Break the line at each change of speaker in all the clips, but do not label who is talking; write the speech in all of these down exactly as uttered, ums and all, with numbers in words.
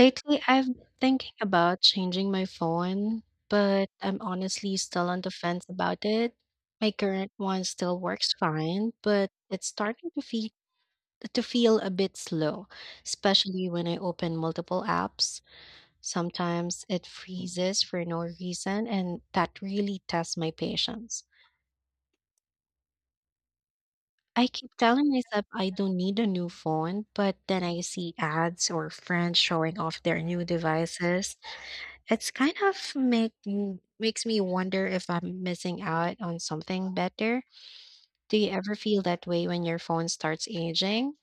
Lately, I've been thinking about changing my phone, but I'm honestly still on the fence about it. My current one still works fine, but it's starting to feel to feel a bit slow, especially when I open multiple apps. Sometimes it freezes for no reason, and that really tests my patience. I keep telling myself I don't need a new phone, but then I see ads or friends showing off their new devices. It's kind of make m- makes me wonder if I'm missing out on something better. Do you ever feel that way when your phone starts aging?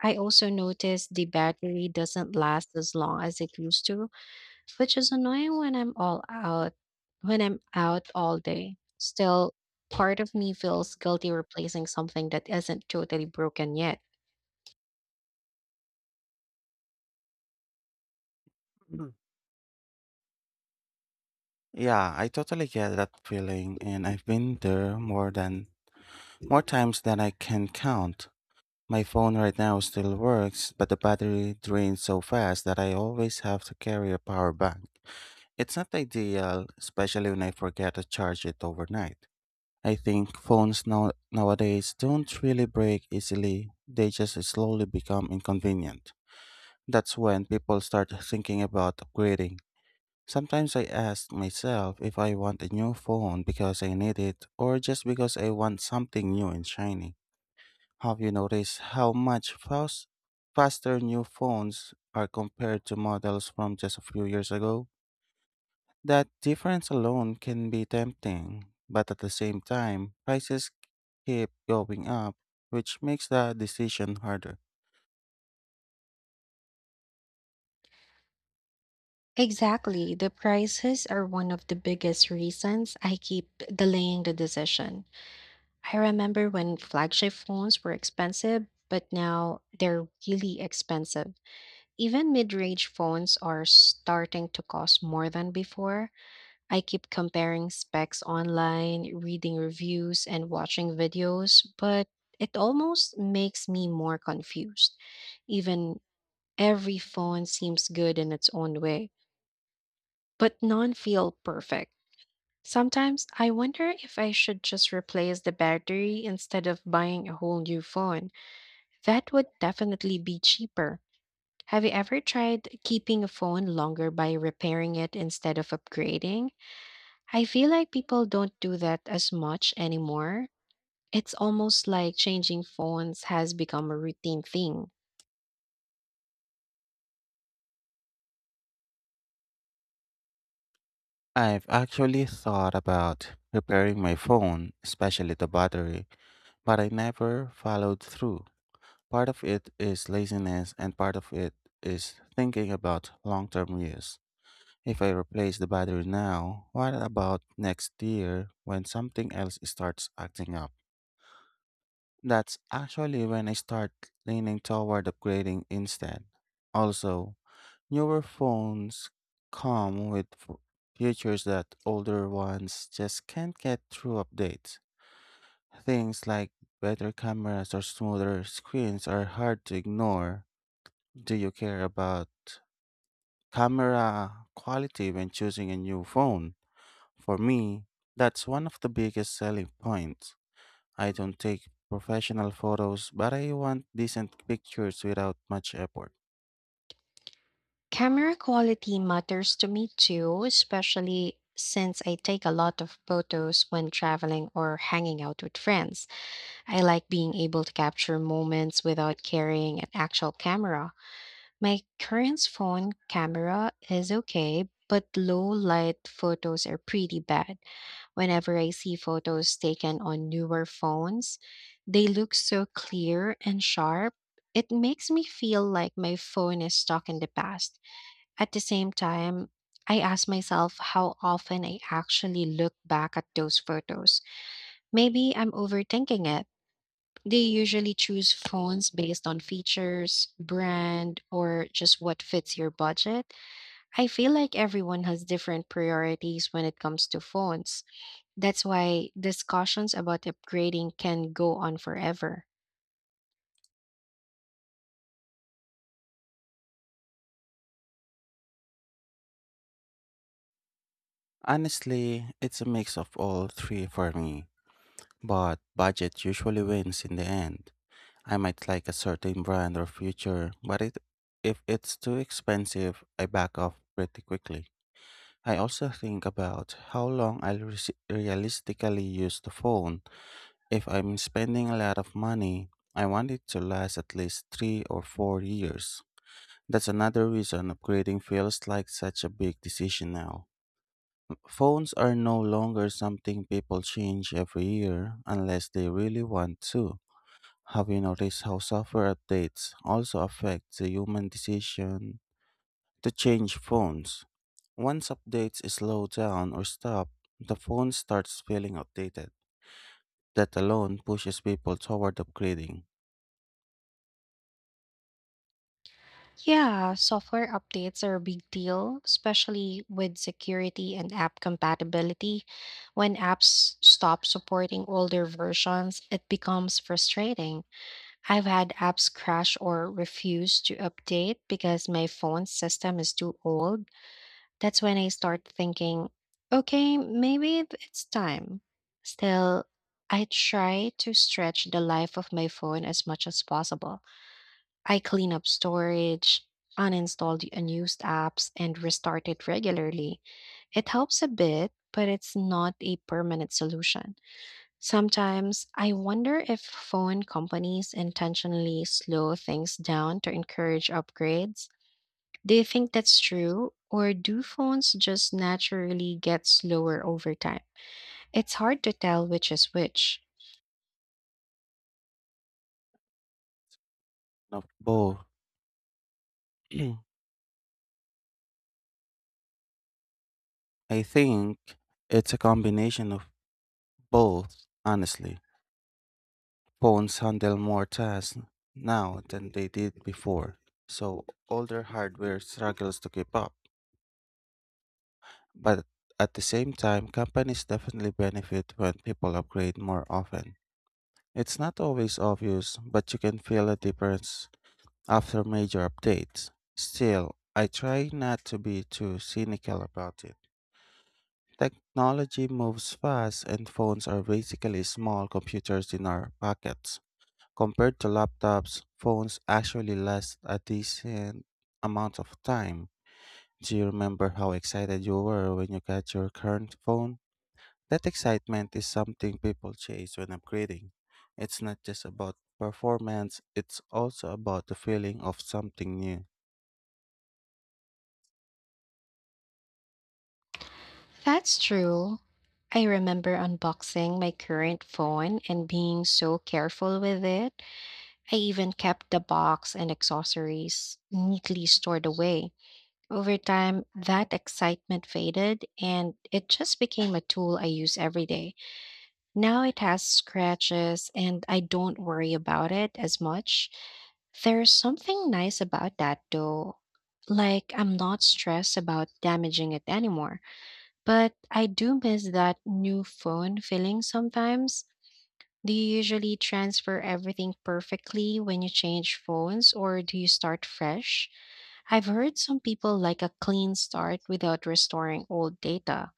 I also noticed the battery doesn't last as long as it used to, which is annoying when I'm all out when I'm out all day. Still, part of me feels guilty replacing something that isn't totally broken yet.
Mhm. Yeah, I totally get that feeling, and I've been there more than more times than I can count. My phone right now still works, but the battery drains so fast that I always have to carry a power bank. It's not ideal, especially when I forget to charge it overnight. I think phones now nowadays don't really break easily, they just slowly become inconvenient. That's when people start thinking about upgrading. Sometimes I ask myself if I want a new phone because I need it or just because I want something new and shiny. Have you noticed how much fast, faster new phones are compared to models from just a few years ago? That difference alone can be tempting, but at the same time, prices keep going up, which makes the decision harder.
Exactly. The prices are one of the biggest reasons I keep delaying the decision. I remember when flagship phones were expensive, but now they're really expensive. Even mid range phones are starting to cost more than before. I keep comparing specs online, reading reviews, and watching videos, but it almost makes me more confused. Even Every phone seems good in its own way, but none feel perfect. Sometimes I wonder if I should just replace the battery instead of buying a whole new phone. That would definitely be cheaper. Have you ever tried keeping a phone longer by repairing it instead of upgrading? I feel like people don't do that as much anymore. It's almost like changing phones has become a routine thing.
I've actually thought about repairing my phone, especially the battery, but I never followed through. Part of it is laziness, and part of it is thinking about long term use. If I replace the battery now, what about next year when something else starts acting up? That's actually when I start leaning toward upgrading instead. Also, newer phones come with f- features that older ones just can't get through updates. Things like better cameras or smoother screens are hard to ignore. Do you care about camera quality when choosing a new phone? For me, that's one of the biggest selling points. I don't take professional photos, but I want decent pictures without much effort.
Camera quality matters to me too, especially since I take a lot of photos when traveling or hanging out with friends. I like being able to capture moments without carrying an actual camera. My current phone camera is okay, but low light photos are pretty bad. Whenever I see photos taken on newer phones, they look so clear and sharp. It makes me feel like my phone is stuck in the past. At the same time, I ask myself how often I actually look back at those photos. Maybe I'm overthinking it. They usually choose phones based on features, brand, or just what fits your budget. I feel like everyone has different priorities when it comes to phones. That's why discussions about upgrading can go on forever.
Honestly, it's a mix of all three for me, but budget usually wins in the end. I might like a certain brand or future, but it, if it's too expensive, I back off pretty quickly. I also think about how long I'll resi- realistically use the phone. If I'm spending a lot of money, I want it to last at least three or four years. That's another reason upgrading feels like such a big decision now. Phones are no longer something people change every year unless they really want to. Have you noticed how software updates also affect the human decision to change phones? Once updates slow down or stop, the phone starts feeling outdated. That alone pushes people toward upgrading.
Yeah, software updates are a big deal, especially with security and app compatibility. When apps stop supporting older versions, it becomes frustrating. I've had apps crash or refuse to update because my phone system is too old. That's when I start thinking, okay, maybe it's time. Still, I try to stretch the life of my phone as much as possible. I clean up storage, uninstall the unused apps, and restart it regularly. It helps a bit, but it's not a permanent solution. Sometimes I wonder if phone companies intentionally slow things down to encourage upgrades. Do you think that's true, or do phones just naturally get slower over time? It's hard to tell which is which.
Now, both, I think it's a combination of both, honestly. Phones handle more tasks now than they did before, so older hardware struggles to keep up. But at the same time, companies definitely benefit when people upgrade more often. It's not always obvious, but you can feel a difference after major updates. Still, I try not to be too cynical about it. Technology moves fast, and phones are basically small computers in our pockets. Compared to laptops, phones actually last a decent amount of time. Do you remember how excited you were when you got your current phone? That excitement is something people chase when upgrading. It's not just about performance, it's also about the feeling of something new.
That's true. I remember unboxing my current phone and being so careful with it. I even kept the box and accessories neatly stored away. Over time, that excitement faded and it just became a tool I use every day. Now it has scratches and I don't worry about it as much. There's something nice about that though. Like, I'm not stressed about damaging it anymore. But I do miss that new phone feeling sometimes. Do you usually transfer everything perfectly when you change phones or do you start fresh? I've heard some people like a clean start without restoring old data.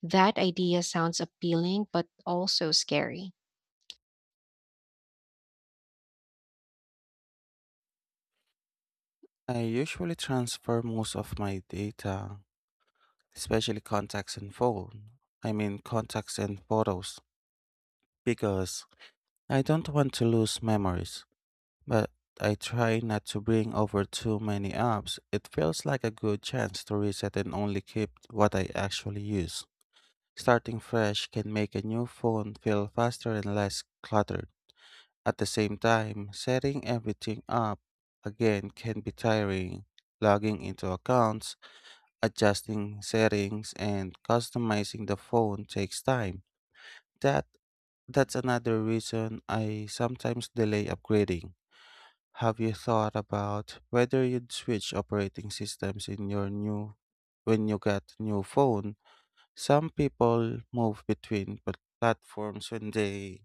That idea sounds appealing, but also scary.
I usually transfer most of my data, especially contacts and phone. I mean contacts and photos, because I don't want to lose memories, but I try not to bring over too many apps. It feels like a good chance to reset and only keep what I actually use. Starting fresh can make a new phone feel faster and less cluttered. At the same time, setting everything up again can be tiring. Logging into accounts, adjusting settings, and customizing the phone takes time. That that's another reason I sometimes delay upgrading. Have you thought about whether you'd switch operating systems in your new when you get new phone? Some people move between plat- platforms when they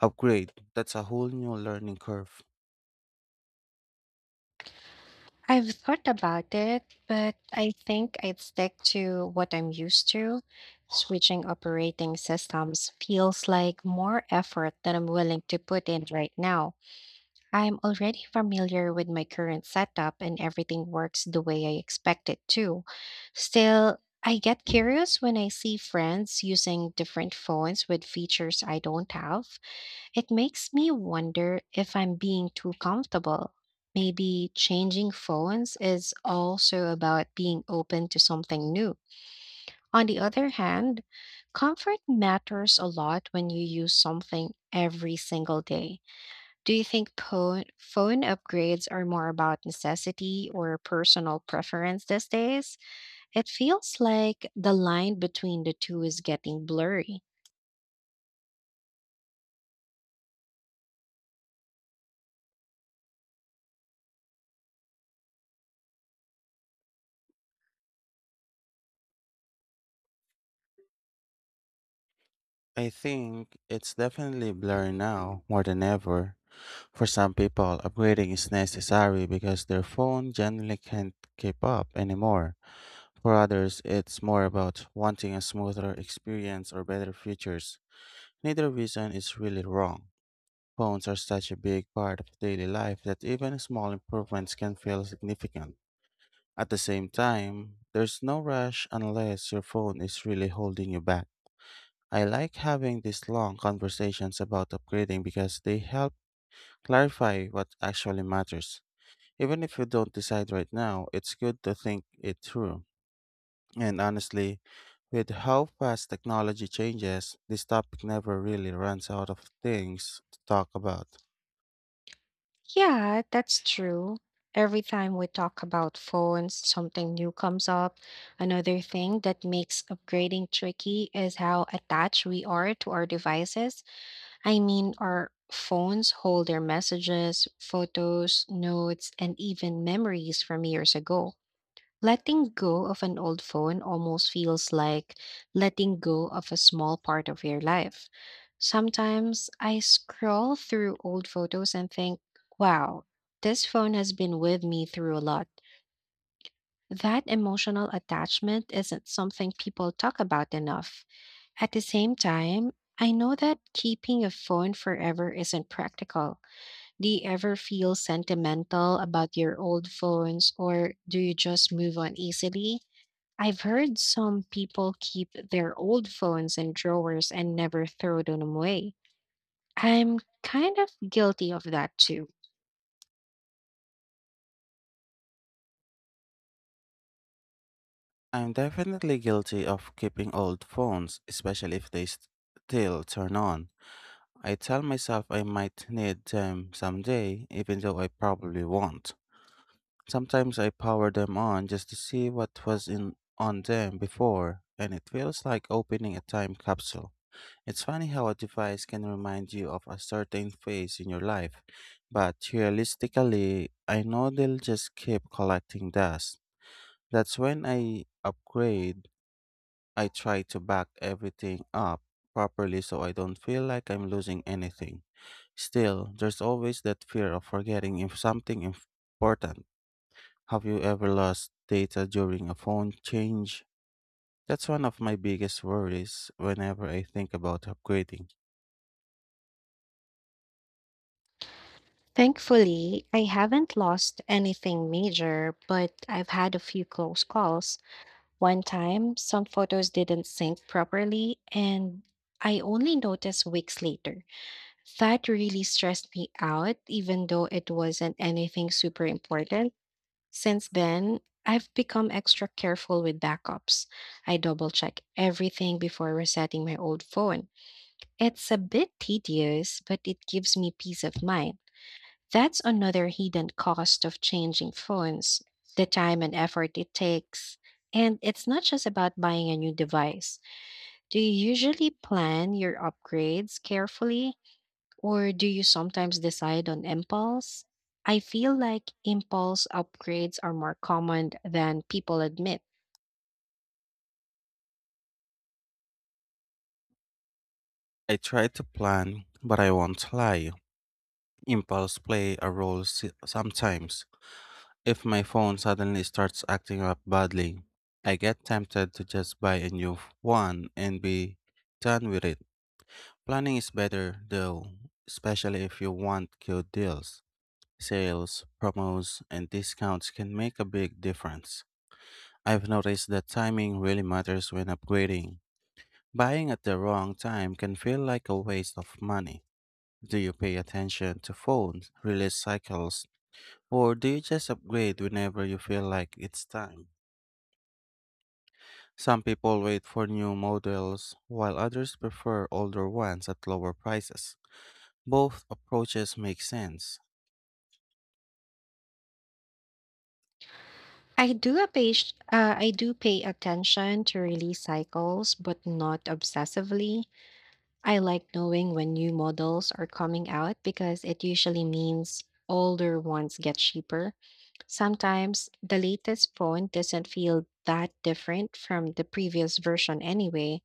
upgrade. That's a whole new learning curve.
I've thought about it, but I think I'd stick to what I'm used to. Switching operating systems feels like more effort than I'm willing to put in right now. I'm already familiar with my current setup and everything works the way I expect it to. Still, I get curious when I see friends using different phones with features I don't have. It makes me wonder if I'm being too comfortable. Maybe changing phones is also about being open to something new. On the other hand, comfort matters a lot when you use something every single day. Do you think po- phone upgrades are more about necessity or personal preference these days? It feels like the line between the two is getting blurry.
I think it's definitely blurry now more than ever. For some people, upgrading is necessary because their phone generally can't keep up anymore. For others, it's more about wanting a smoother experience or better features. Neither reason is really wrong. Phones are such a big part of daily life that even small improvements can feel significant. At the same time, there's no rush unless your phone is really holding you back. I like having these long conversations about upgrading because they help clarify what actually matters. Even if you don't decide right now, it's good to think it through. And honestly, with how fast technology changes, this topic never really runs out of things to talk about.
Yeah, that's true. Every time we talk about phones, something new comes up. Another thing that makes upgrading tricky is how attached we are to our devices. I mean, our phones hold their messages, photos, notes, and even memories from years ago. Letting go of an old phone almost feels like letting go of a small part of your life. Sometimes I scroll through old photos and think, wow, this phone has been with me through a lot. That emotional attachment isn't something people talk about enough. At the same time, I know that keeping a phone forever isn't practical. Do you ever feel sentimental about your old phones or do you just move on easily? I've heard some people keep their old phones in drawers and never throw them away. I'm kind of guilty of that too.
I'm definitely guilty of keeping old phones, especially if they st- still turn on. I tell myself I might need them someday, even though I probably won't. Sometimes I power them on just to see what was in on them before, and it feels like opening a time capsule. It's funny how a device can remind you of a certain phase in your life, but realistically, I know they'll just keep collecting dust. That's when I upgrade, I try to back everything up properly so I don't feel like I'm losing anything. Still, there's always that fear of forgetting if something important. Have you ever lost data during a phone change? That's one of my biggest worries whenever I think about upgrading.
Thankfully, I haven't lost anything major, but I've had a few close calls. One time, some photos didn't sync properly, and I only noticed weeks later. That really stressed me out, even though it wasn't anything super important. Since then, I've become extra careful with backups. I double check everything before resetting my old phone. It's a bit tedious, but it gives me peace of mind. That's another hidden cost of changing phones, the time and effort it takes. And it's not just about buying a new device. Do you usually plan your upgrades carefully, or do you sometimes decide on impulse? I feel like impulse upgrades are more common than people admit.
I try to plan, but I won't lie. Impulse play a role s- sometimes. If my phone suddenly starts acting up badly, I get tempted to just buy a new f- one and be done with it. Planning is better though, especially if you want good deals. Sales, promos, and discounts can make a big difference. I've noticed that timing really matters when upgrading. Buying at the wrong time can feel like a waste of money. Do you pay attention to phone release cycles, or do you just upgrade whenever you feel like it's time? Some people wait for new models, while others prefer older ones at lower prices. Both approaches make sense.
I do a page, uh, I do pay attention to release cycles, but not obsessively. I like knowing when new models are coming out because it usually means older ones get cheaper. Sometimes the latest phone doesn't feel that different from the previous version anyway.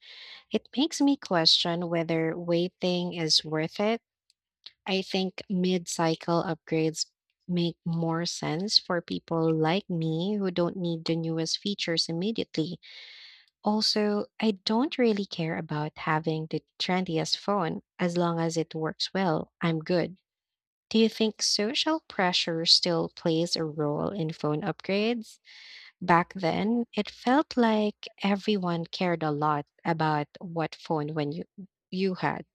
It makes me question whether waiting is worth it. I think mid cycle upgrades make more sense for people like me who don't need the newest features immediately. Also, I don't really care about having the trendiest phone as long as it works well. I'm good. Do you think social pressure still plays a role in phone upgrades? Back then, it felt like everyone cared a lot about what phone when you you had.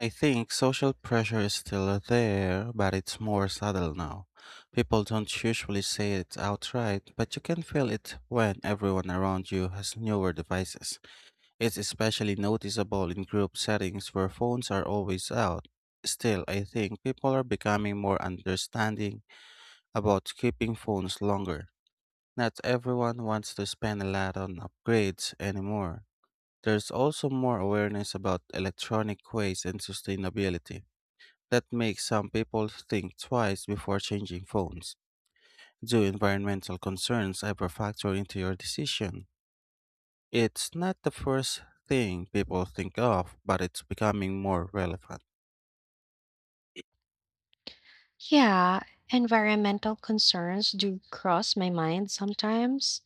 I think social pressure is still there, but it's more subtle now. People don't usually say it outright, but you can feel it when everyone around you has newer devices. It's especially noticeable in group settings where phones are always out. Still, I think people are becoming more understanding about keeping phones longer. Not everyone wants to spend a lot on upgrades anymore. There's also more awareness about electronic waste and sustainability. That makes some people think twice before changing phones. Do environmental concerns ever factor into your decision? It's not the first thing people think of, but it's becoming more relevant.
Yeah, environmental concerns do cross my mind sometimes.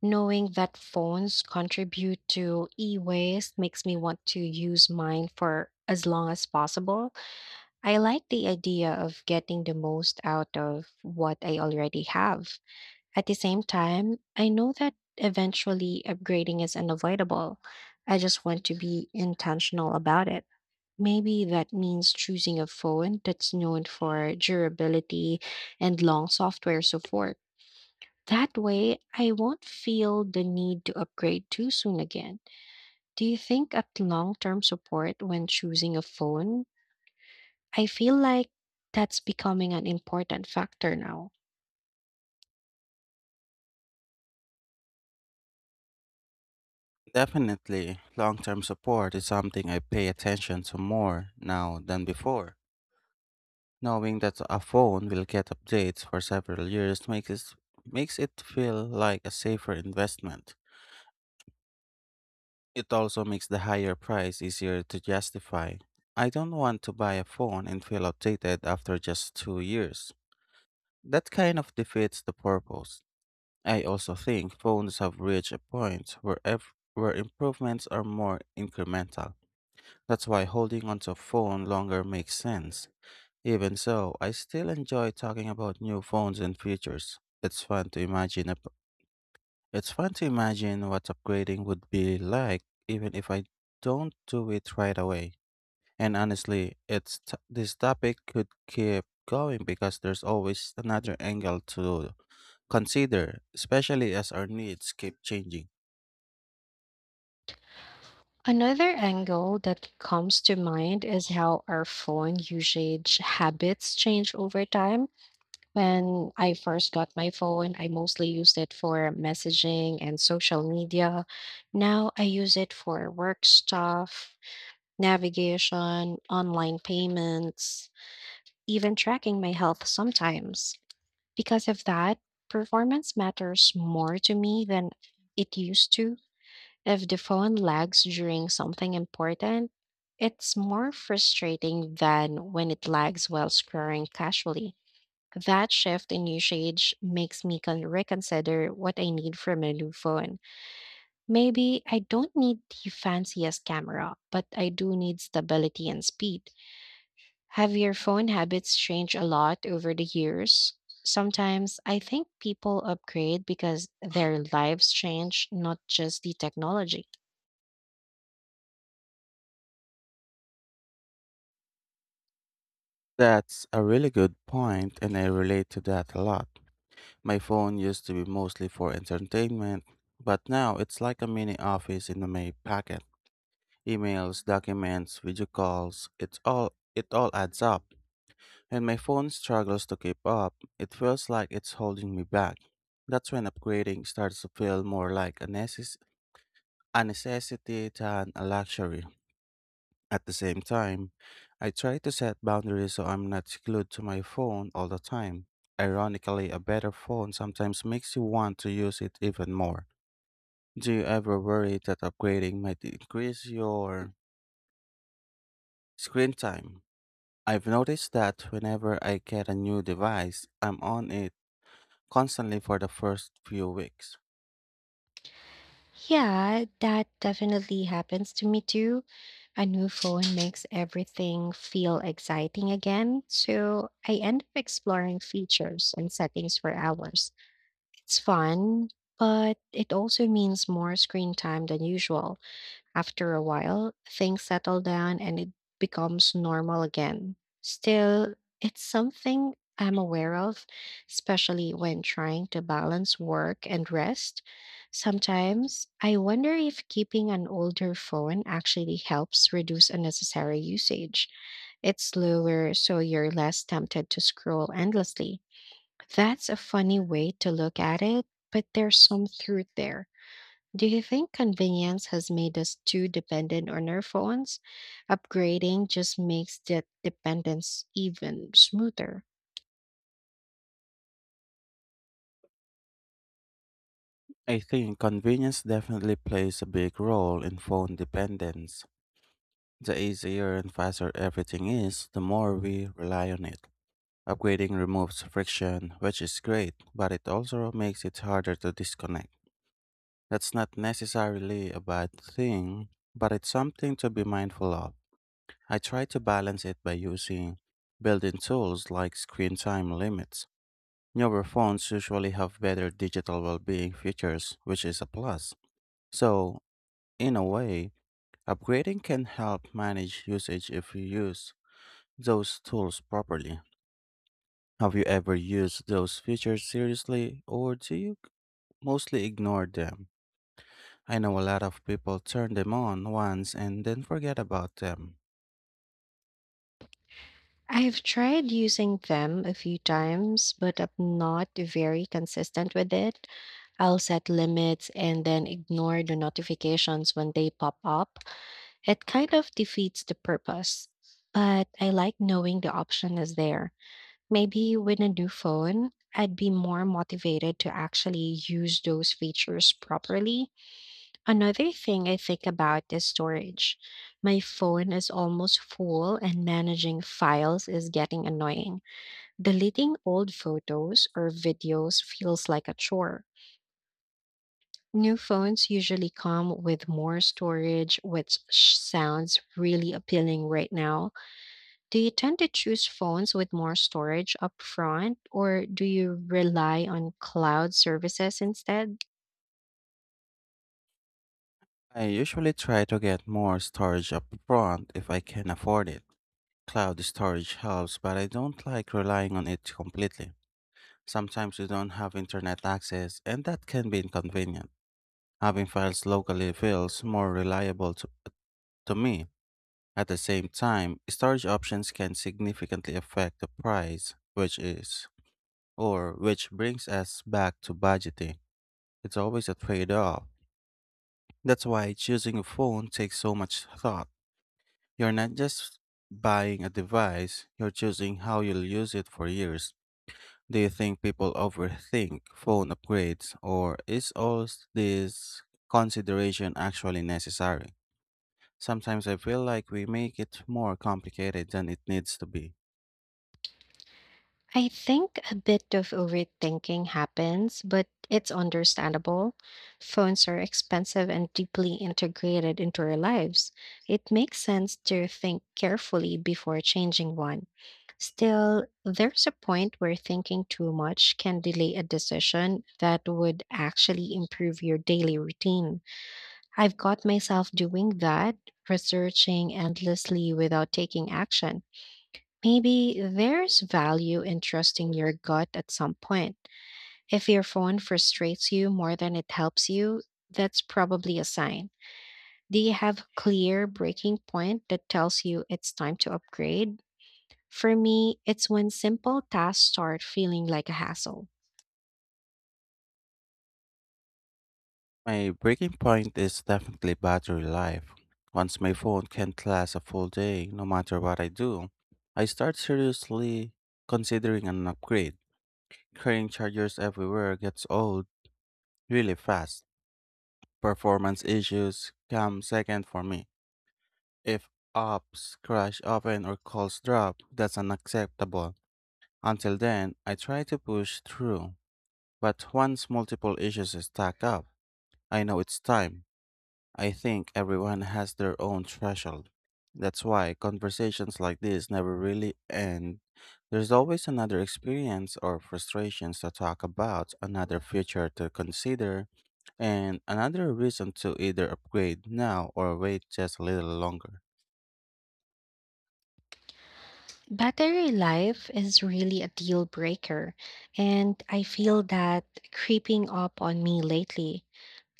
Knowing that phones contribute to e waste makes me want to use mine for as long as possible. I like the idea of getting the most out of what I already have. At the same time, I know that eventually upgrading is unavoidable. I just want to be intentional about it. Maybe that means choosing a phone that's known for durability and long software support. That way, I won't feel the need to upgrade too soon again. Do you think of long term support when choosing a phone? I feel like that's becoming an important factor now.
Definitely, long term support is something I pay attention to more now than before. Knowing that a phone will get updates for several years makes it, makes it feel like a safer investment. It also makes the higher price easier to justify. I don't want to buy a phone and feel outdated after just two years. That kind of defeats the purpose. I also think phones have reached a point where ev- where improvements are more incremental. That's why holding onto a phone longer makes sense. Even so, I still enjoy talking about new phones and features. It's fun to imagine up- it's fun to imagine what upgrading would be like, even if I don't do it right away. And honestly, it's t- this topic could keep going because there's always another angle to consider, especially as our needs keep changing.
Another angle that comes to mind is how our phone usage habits change over time. When I first got my phone, I mostly used it for messaging and social media. Now I use it for work stuff, navigation, online payments, even tracking my health sometimes. Because of that, performance matters more to me than it used to. If the phone lags during something important, it's more frustrating than when it lags while scrolling casually. That shift in usage makes me con- reconsider what I need from a new phone. Maybe I don't need the fanciest camera, but I do need stability and speed. Have your phone habits changed a lot over the years? Sometimes I think people upgrade because their lives change, not just the technology.
That's a really good point, and I relate to that a lot. My phone used to be mostly for entertainment, but now it's like a mini office in my pocket. Emails, documents, video calls, it's all it all adds up. And my phone struggles to keep up. It feels like it's holding me back. That's when upgrading starts to feel more like a necess- a necessity than a luxury. At the same time, I try to set boundaries so I'm not glued to my phone all the time. Ironically, a better phone sometimes makes you want to use it even more. Do you ever worry that upgrading might increase your screen time? I've noticed that whenever I get a new device, I'm on it constantly for the first few weeks.
Yeah, that definitely happens to me too. A new phone makes everything feel exciting again, so I end up exploring features and settings for hours. It's fun, but it also means more screen time than usual. After a while, things settle down and it becomes normal again. Still, it's something I'm aware of, especially when trying to balance work and rest. Sometimes I wonder if keeping an older phone actually helps reduce unnecessary usage. It's slower, so you're less tempted to scroll endlessly. That's a funny way to look at it, but there's some truth there. Do you think convenience has made us too dependent on our phones? Upgrading just makes that dependence even smoother.
I think convenience definitely plays a big role in phone dependence. The easier and faster everything is, the more we rely on it. Upgrading removes friction, which is great, but it also makes it harder to disconnect. That's not necessarily a bad thing, but it's something to be mindful of. I try to balance it by using built in tools like screen time limits. Newer phones usually have better digital well being features, which is a plus. So, in a way, upgrading can help manage usage if you use those tools properly. Have you ever used those features seriously, or do you c- mostly ignore them? I know a lot of people turn them on once and then forget about them.
I've tried using them a few times, but I'm not very consistent with it. I'll set limits and then ignore the notifications when they pop up. It kind of defeats the purpose, but I like knowing the option is there. Maybe with a new phone, I'd be more motivated to actually use those features properly. Another thing I think about is storage. My phone is almost full, and managing files is getting annoying. Deleting old photos or videos feels like a chore. New phones usually come with more storage, which sounds really appealing right now. Do you tend to choose phones with more storage upfront, or do you rely on cloud services instead?
I usually try to get more storage up front if I can afford it. Cloud storage helps, but I don't like relying on it completely. Sometimes you don't have internet access, and that can be inconvenient. Having files locally feels more reliable to, to me. At the same time, storage options can significantly affect the price, which is, or which brings us back to budgeting. It's always a trade off. That's why choosing a phone takes so much thought. You're not just buying a device, you're choosing how you'll use it for years. Do you think people overthink phone upgrades, or is all this consideration actually necessary? Sometimes I feel like we make it more complicated than it needs to be.
I think a bit of overthinking happens, but it's understandable. Phones are expensive and deeply integrated into our lives. It makes sense to think carefully before changing one. Still, there's a point where thinking too much can delay a decision that would actually improve your daily routine. I've got myself doing that, researching endlessly without taking action. Maybe there's value in trusting your gut at some point. If your phone frustrates you more than it helps you, that's probably a sign. Do you have a clear breaking point that tells you it's time to upgrade? For me, it's when simple tasks start feeling like a hassle.
My breaking point is definitely battery life. Once my phone can't last a full day, no matter what I do, I start seriously considering an upgrade. Carrying chargers everywhere gets old really fast. Performance issues come second for me. If apps crash often or calls drop, that's unacceptable. Until then, I try to push through. But once multiple issues stack up, I know it's time. I think everyone has their own threshold. That's why conversations like this never really end. There's always another experience or frustrations to talk about, another future to consider, and another reason to either upgrade now or wait just a little longer.
Battery life is really a deal breaker, and I feel that creeping up on me lately.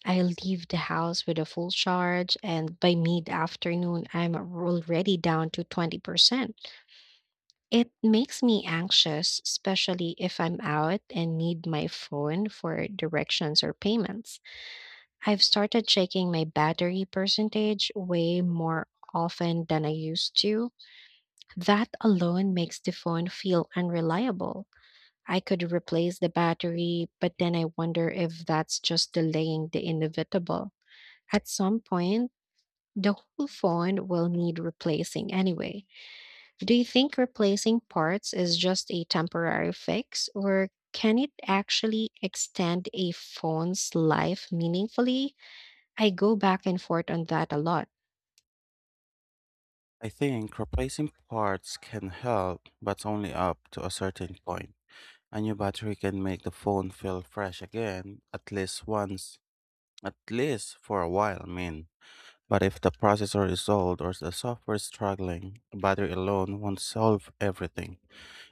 I leave the house with a full charge, and by mid afternoon, I'm already down to twenty percent. It makes me anxious, especially if I'm out and need my phone for directions or payments. I've started checking my battery percentage way more often than I used to. That alone makes the phone feel unreliable. I could replace the battery, but then I wonder if that's just delaying the inevitable. At some point, the whole phone will need replacing anyway. Do you think replacing parts is just a temporary fix, or can it actually extend a phone's life meaningfully? I go back and forth on that a lot.
I think replacing parts can help, but only up to a certain point. A new battery can make the phone feel fresh again, at least once, at least for a while, I mean. But if the processor is old or the software is struggling, the battery alone won't solve everything.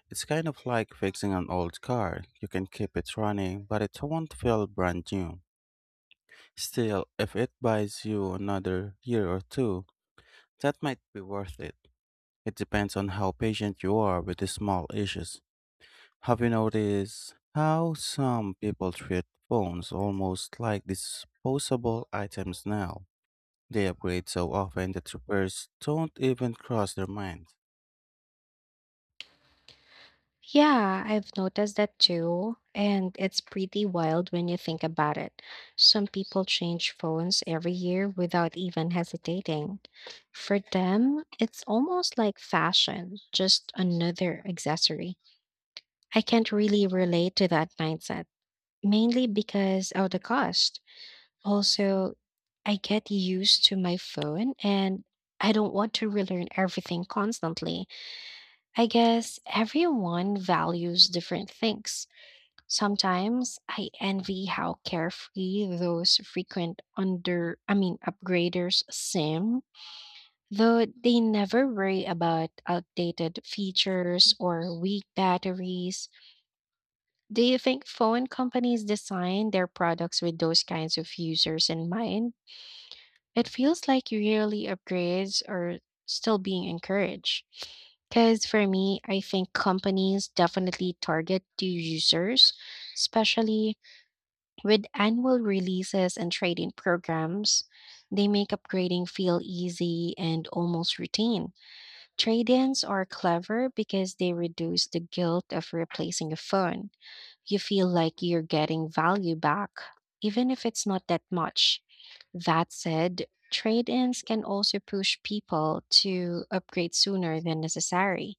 It's kind of like fixing an old car. You can keep it running, but it won't feel brand new. Still, if it buys you another year or two, that might be worth it. It depends on how patient you are with the small issues. Have you noticed how some people treat phones almost like disposable items now? They upgrade so often that repairs don't even cross their minds.
Yeah, I've noticed that too. And it's pretty wild when you think about it. Some people change phones every year without even hesitating. For them, it's almost like fashion, just another accessory. I can't really relate to that mindset, mainly because of the cost. Also, I get used to my phone and I don't want to relearn everything constantly. I guess everyone values different things. Sometimes I envy how carefree those frequent under, I mean, upgraders seem, though they never worry about outdated features or weak batteries. Do you think phone companies design their products with those kinds of users in mind? It feels like yearly upgrades are still being encouraged. Because for me, I think companies definitely target the users, especially with annual releases and trading programs, they make upgrading feel easy and almost routine. Trade ins are clever because they reduce the guilt of replacing a phone. You feel like you're getting value back, even if it's not that much. That said, trade ins can also push people to upgrade sooner than necessary.